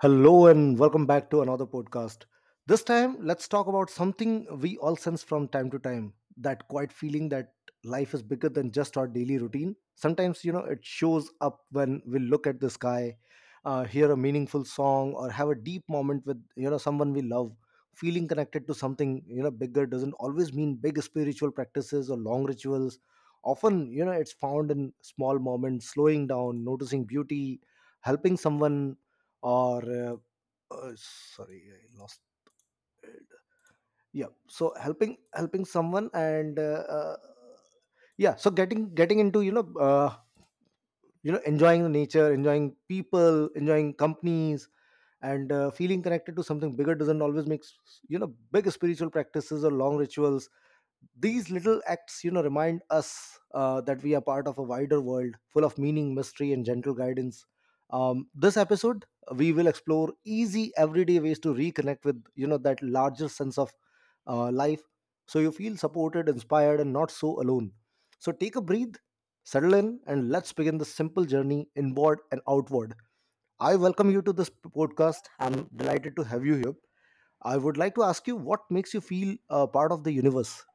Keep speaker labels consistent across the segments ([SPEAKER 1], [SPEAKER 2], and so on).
[SPEAKER 1] Hello and welcome back to another podcast. This time, let's talk about something we all sense from time to time, that quiet feeling that life is bigger than just our daily routine. Sometimes, it shows up when we look at the sky, hear a meaningful song, or have a deep moment with, someone we love. Feeling connected to something, bigger doesn't always mean big spiritual practices or long rituals. Often, it's found in small moments, slowing down, noticing beauty, helping someone or uh, sorry, I lost. Yeah, so helping someone, and yeah, so getting into enjoying the nature, enjoying people, enjoying companies. And feeling connected to something bigger doesn't always make big spiritual practices or long rituals. These little acts remind us that we are part of a wider world full of meaning, mystery, and gentle guidance. This episode we will explore easy everyday ways to reconnect with that larger sense of life, so you feel supported, inspired, and not so alone. So take a breath, settle in, and let's begin this simple journey inward and outward. I welcome you to this podcast. I'm delighted to have you here. I would like to ask you, what makes you feel a part of the universe?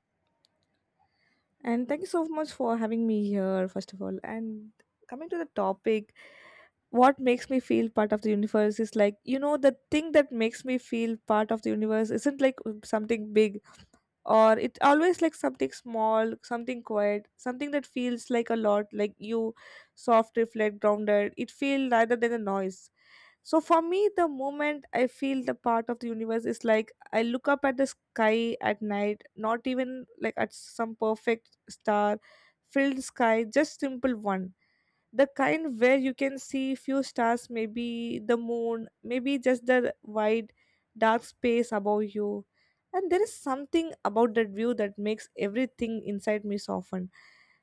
[SPEAKER 2] And thank you so much for having me here, first of all. And coming to the topic, what makes me feel part of the universe is like, the thing that makes me feel part of the universe isn't like something big or it always like something small, something quiet, something that feels like a lot, like you, soft, reflect, grounded. It feels rather than a noise. So for me, the moment I feel the part of the universe is like I look up at the sky at night, not even like at some perfect star filled sky, just simple one. The kind where you can see few stars, maybe the moon, maybe just the wide dark space above you. And there is something about that view that makes everything inside me soften.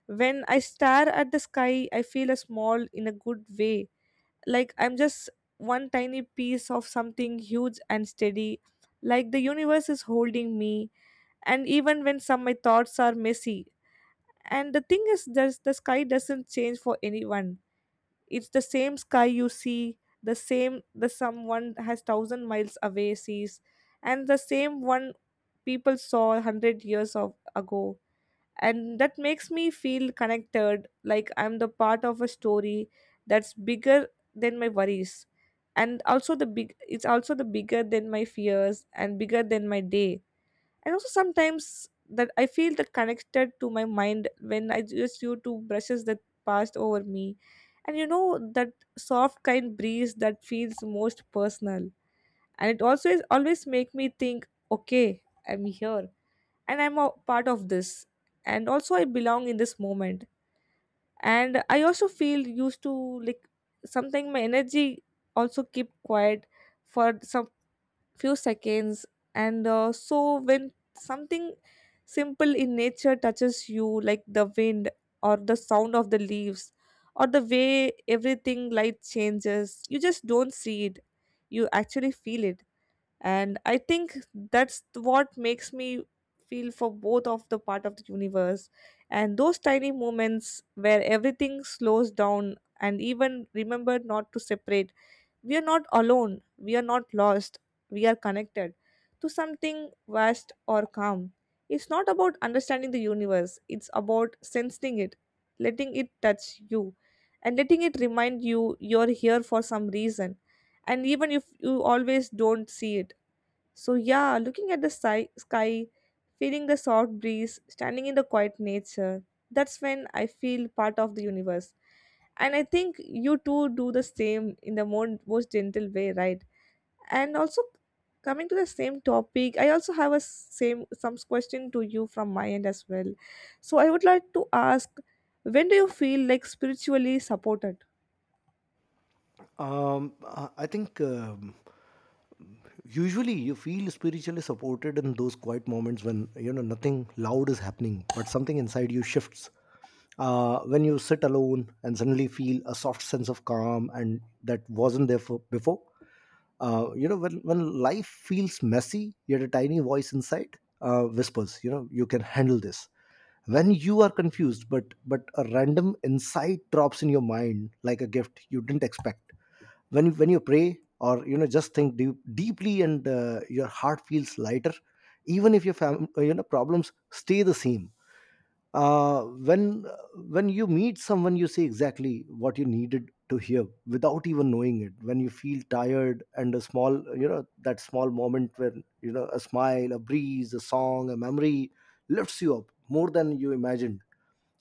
[SPEAKER 2] When I stare at the sky, I feel a small in a good way, like I'm just one tiny piece of something huge and steady, like the universe is holding me, and even when some my thoughts are messy. And the thing is there's the sky doesn't change for anyone. It's the same sky you see, the same the someone has thousand miles away sees, and the same one people saw hundred years of ago. And that makes me feel connected, like I'm the part of a story that's bigger than my worries, and also the big it's also the bigger than my fears and bigger than my day. And also sometimes that I feel that connected to my mind when I just you to brushes that passed over me, and that soft kind breeze that feels most personal. And it also is always make me think, okay, I'm here, and I'm a part of this. And also, I belong in this moment. And I also feel used to like something. My energy also keep quiet for some few seconds. And so when something simple in nature touches you, like the wind or the sound of the leaves or the way everything light changes, you just don't see it. You actually feel it, and I think that's what makes me feel for both of the part of the universe, and those tiny moments where everything slows down and even remember not to separate. We are not alone, we are not lost, we are connected to something vast or calm. It's not about understanding the universe, it's about sensing it, letting it touch you, and letting it remind you you're here for some reason, and even if you always don't see it. So, yeah, looking at the sky, feeling the soft breeze, standing in the quiet nature, that's when I feel part of the universe. And I think you too do the same in the more, most gentle way, right? And also, coming to the same topic, I also have a same some question to you from my end as well. So, I would like to ask, when do you feel like spiritually supported?
[SPEAKER 1] I think usually you feel spiritually supported in those quiet moments when nothing loud is happening, but something inside you shifts. When you sit alone and suddenly feel a soft sense of calm, and that wasn't there before. When life feels messy, yet a tiny voice inside whispers, you can handle this. When you are confused, but a random insight drops in your mind like a gift you didn't expect, when you pray or just think deeply, and your heart feels lighter even if your problems stay the same. uh, when uh, when you meet someone, you say exactly what you needed to hear without even knowing it. When you feel tired and a small you know that small moment when a smile, a breeze, a song, a memory lifts you up more than you imagined.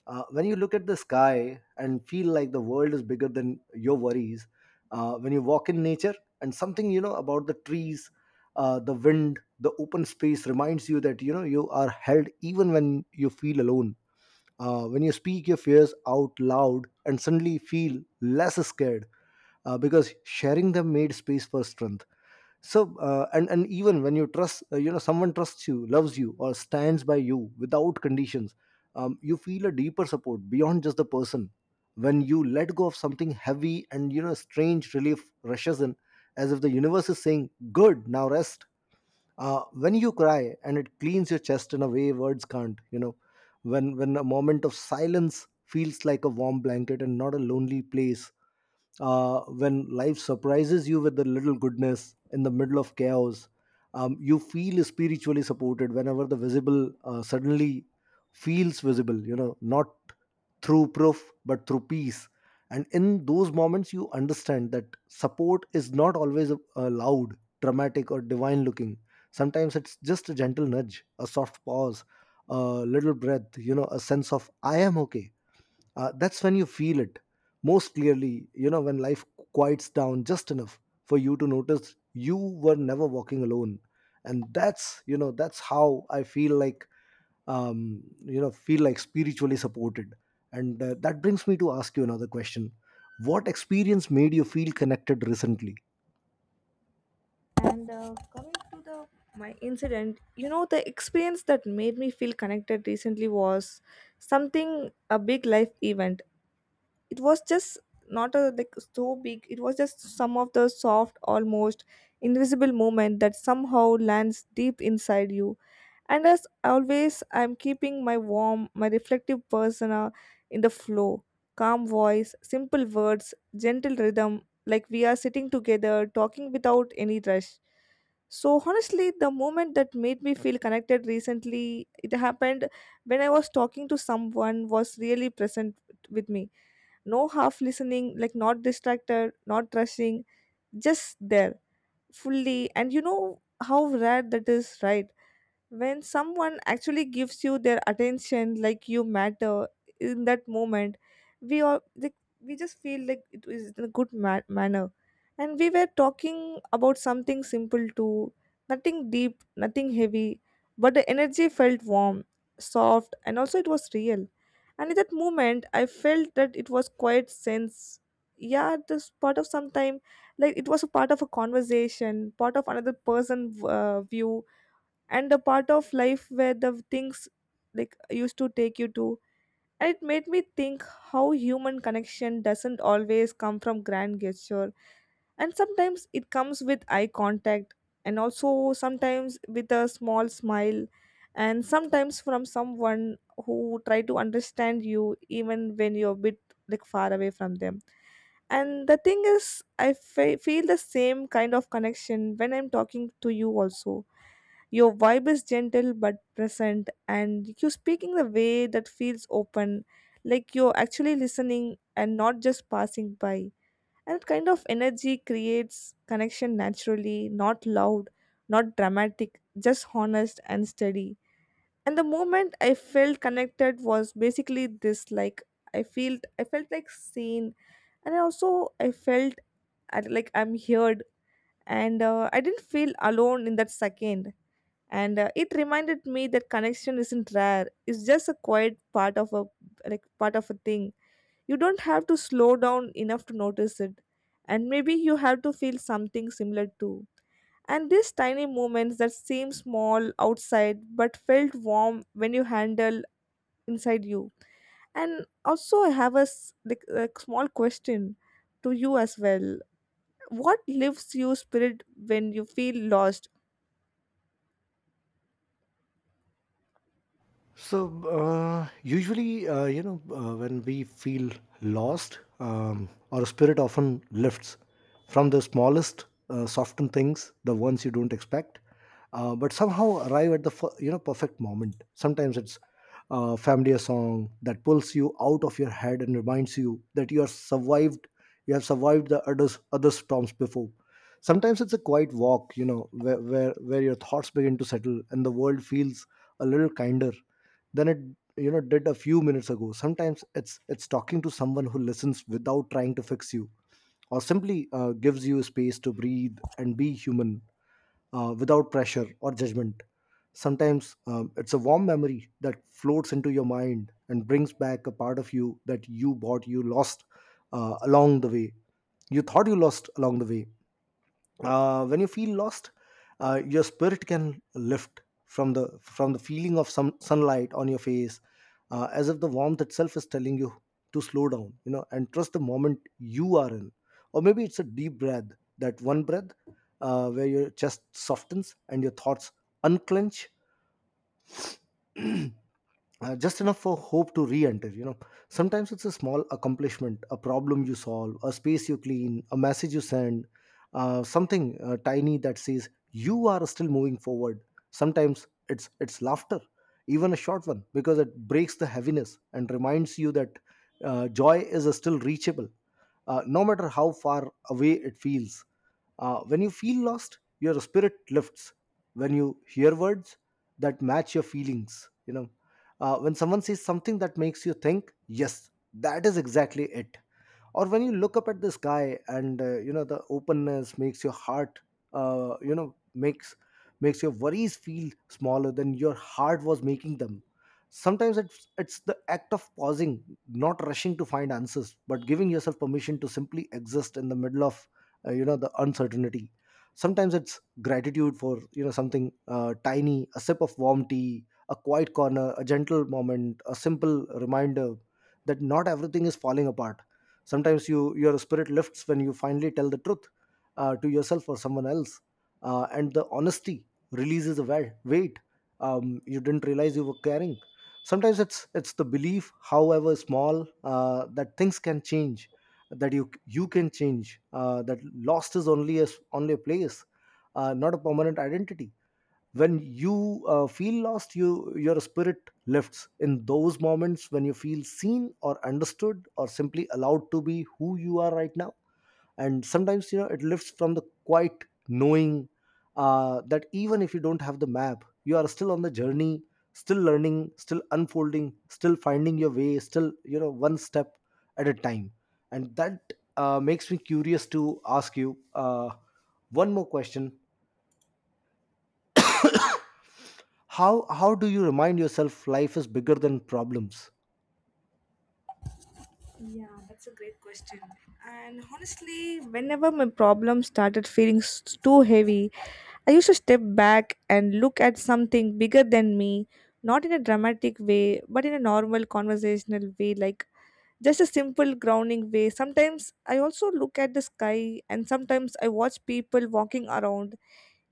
[SPEAKER 1] When you look at the sky and feel like the world is bigger than your worries, when you walk in nature and something about the trees, the wind, the open space reminds you that you are held even when you feel alone. When you speak your fears out loud and suddenly feel less scared, because sharing them made space for strength. And even when you trust you know someone trusts you, loves you, or stands by you without conditions, you feel a deeper support beyond just the person. When you let go of something heavy, and strange relief rushes in, as if the universe is saying, good, now rest. When you cry and it cleans your chest in a way words can't. When a moment of silence feels like a warm blanket and not a lonely place, when life surprises you with a little goodness in the middle of chaos, you feel spiritually supported whenever the visible suddenly feels visible, not through proof but through peace. And in those moments, you understand that support is not always loud, dramatic, or divine looking. Sometimes it's just a gentle nudge, a soft pause, a little breath, a sense of I am okay. That's when you feel it most clearly, when life quiets down just enough for you to notice you were never walking alone. And that's you know that's how I feel like, feel like spiritually supported. And that brings me to ask you another question. What experience made you feel connected recently?
[SPEAKER 2] And coming to the my incident, the experience that made me feel connected recently was something a big life event. It was just not a like so big. It was just some of the soft, almost invisible moment that somehow lands deep inside you, and as always, I'm keeping my warm, my reflective persona in the flow. Calm voice, simple words, gentle rhythm, like we are sitting together, talking without any rush. So, honestly, the moment that made me feel connected recently, it happened when I was talking to someone was really present with me. No half listening, like not distracted, not rushing, just there fully. And you know how rare that is, right? When someone actually gives you their attention like you matter in that moment, we all like, we just feel like it is in a good manner. And we were talking about something simple too, nothing deep, nothing heavy, but the energy felt warm, soft, and also it was real. And in that moment I felt that it was quite sense, yeah, this part of sometime, like it was a part of a conversation, part of another person view, and the part of life where the things like used to take you to. And it made me think how human connection doesn't always come from grand gesture, and sometimes it comes with eye contact, and also sometimes with a small smile, and sometimes from someone who try to understand you even when you're a bit like far away from them. And the thing is I feel the same kind of connection when I'm talking to you also. Your vibe is gentle but present, and you speak in the way that feels open, like you're actually listening and not just passing by. And that kind of energy creates connection naturally, not loud, not dramatic, just honest and steady. And the moment I felt connected was basically this, like I felt like seen, and I felt like I'm heard, and I didn't feel alone in that second. And it reminded me that connection isn't rare, it's just a quiet part of a, like part of a thing. You don't have to slow down enough to notice it, and maybe you have to feel something similar too, and these tiny moments that seem small outside but felt warm when you handle inside you. And also I have a, like, a small question to you as well. What lifts you spirit when you feel lost?
[SPEAKER 1] So usually, when we feel lost, our spirit often lifts from the smallest, softened things, the ones you don't expect, but somehow arrive at the perfect moment. Sometimes it's a familiar song that pulls you out of your head and reminds you that you are survived. You have survived the other storms before. Sometimes it's a quiet walk, where, where your thoughts begin to settle and the world feels a little kinder than it did a few minutes ago. Sometimes it's talking to someone who listens without trying to fix you, or simply gives you space to breathe and be human without pressure or judgment. Sometimes it's a warm memory that floats into your mind and brings back a part of you that you lost along the way. You thought you lost along the way. When you feel lost, your spirit can lift from the feeling of some sunlight on your face, as if the warmth itself is telling you to slow down, and trust the moment you are in. Or maybe it's a deep breath, that one breath, where your chest softens and your thoughts unclench just enough for hope to re-enter, sometimes it's a small accomplishment, a problem you solve, a space you clean, a message you send, something tiny that says you are still moving forward. Sometimes it's laughter, even a short one, because it breaks the heaviness and reminds you that joy is still reachable, no matter how far away it feels. When you feel lost, your spirit lifts when you hear words that match your feelings, when someone says something that makes you think, yes, that is exactly it, or when you look up at the sky and the openness makes your heart makes your worries feel smaller than your heart was making them. Sometimes it's the act of pausing, not rushing to find answers but giving yourself permission to simply exist in the middle of the uncertainty. Sometimes it's gratitude for something tiny, a sip of warm tea, a quiet corner, a gentle moment, a simple reminder that not everything is falling apart. Sometimes you your spirit lifts when you finally tell the truth, to yourself or someone else, and the honesty releases a weight you didn't realize you were carrying. Sometimes it's the belief, however small, that things can change, that you can change, that lost is only only a place, not a permanent identity. When you feel lost, you your spirit lifts in those moments when you feel seen or understood or simply allowed to be who you are right now. And sometimes, it lifts from the quiet knowing, that even if you don't have the map, you are still on the journey, still learning, still unfolding, still finding your way, still, one step at a time. And that makes me curious to ask you one more question. How do you remind yourself life is bigger than problems?
[SPEAKER 2] Yeah, that's a great question. And honestly, whenever my problem started feeling too heavy, I used to step back and look at something bigger than me, not in a dramatic way, but in a normal conversational way, like just a simple grounding way. Sometimes I also look at the sky, and sometimes I watch people walking around,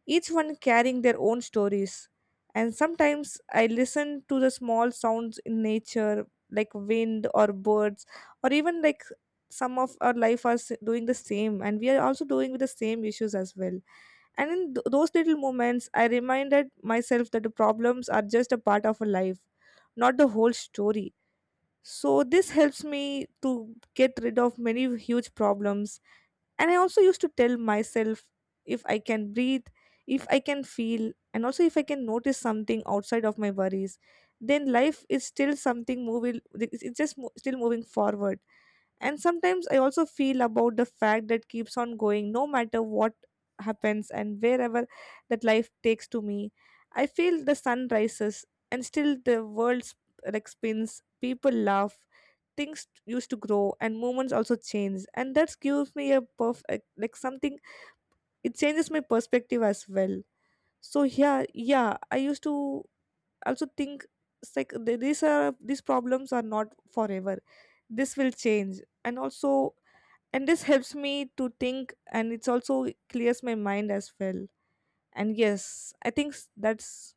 [SPEAKER 2] each one carrying their own stories. And sometimes I listen to the small sounds in nature, like wind or birds, or even like some of our life are doing the same, and we are also doing with the same issues as well. And in those little moments, I reminded myself that the problems are just a part of a life, not the whole story. So this helps me to get rid of many huge problems, and I also used to tell myself, if I can breathe, if I can feel, and also if I can notice something outside of my worries, then life is still something moving, it's just still moving forward. And sometimes I also feel about the fact that keeps on going no matter what happens and wherever that life takes to me. I feel the sun rises, and still the world like spins, people laugh, things used to grow and moments also change, and that gives me a perfect like something, it changes my perspective as well. So yeah, yeah, I used to also think it's like these are these problems are not forever, this will change. And also, and this helps me to think, and it's also clears my mind as well. And yes, I think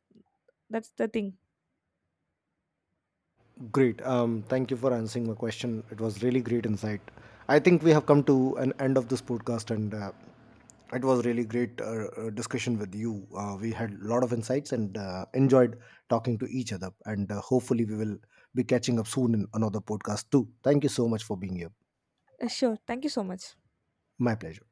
[SPEAKER 2] that's the thing.
[SPEAKER 1] Great. Thank you for answering my question. It was really great insight. I think we have come to an end of this podcast, and it was really great discussion with you. We had a lot of insights and enjoyed talking to each other. And hopefully, we will be catching up soon in another podcast too. Thank you so much for being here.
[SPEAKER 2] Sure, thank you so much.
[SPEAKER 1] My pleasure.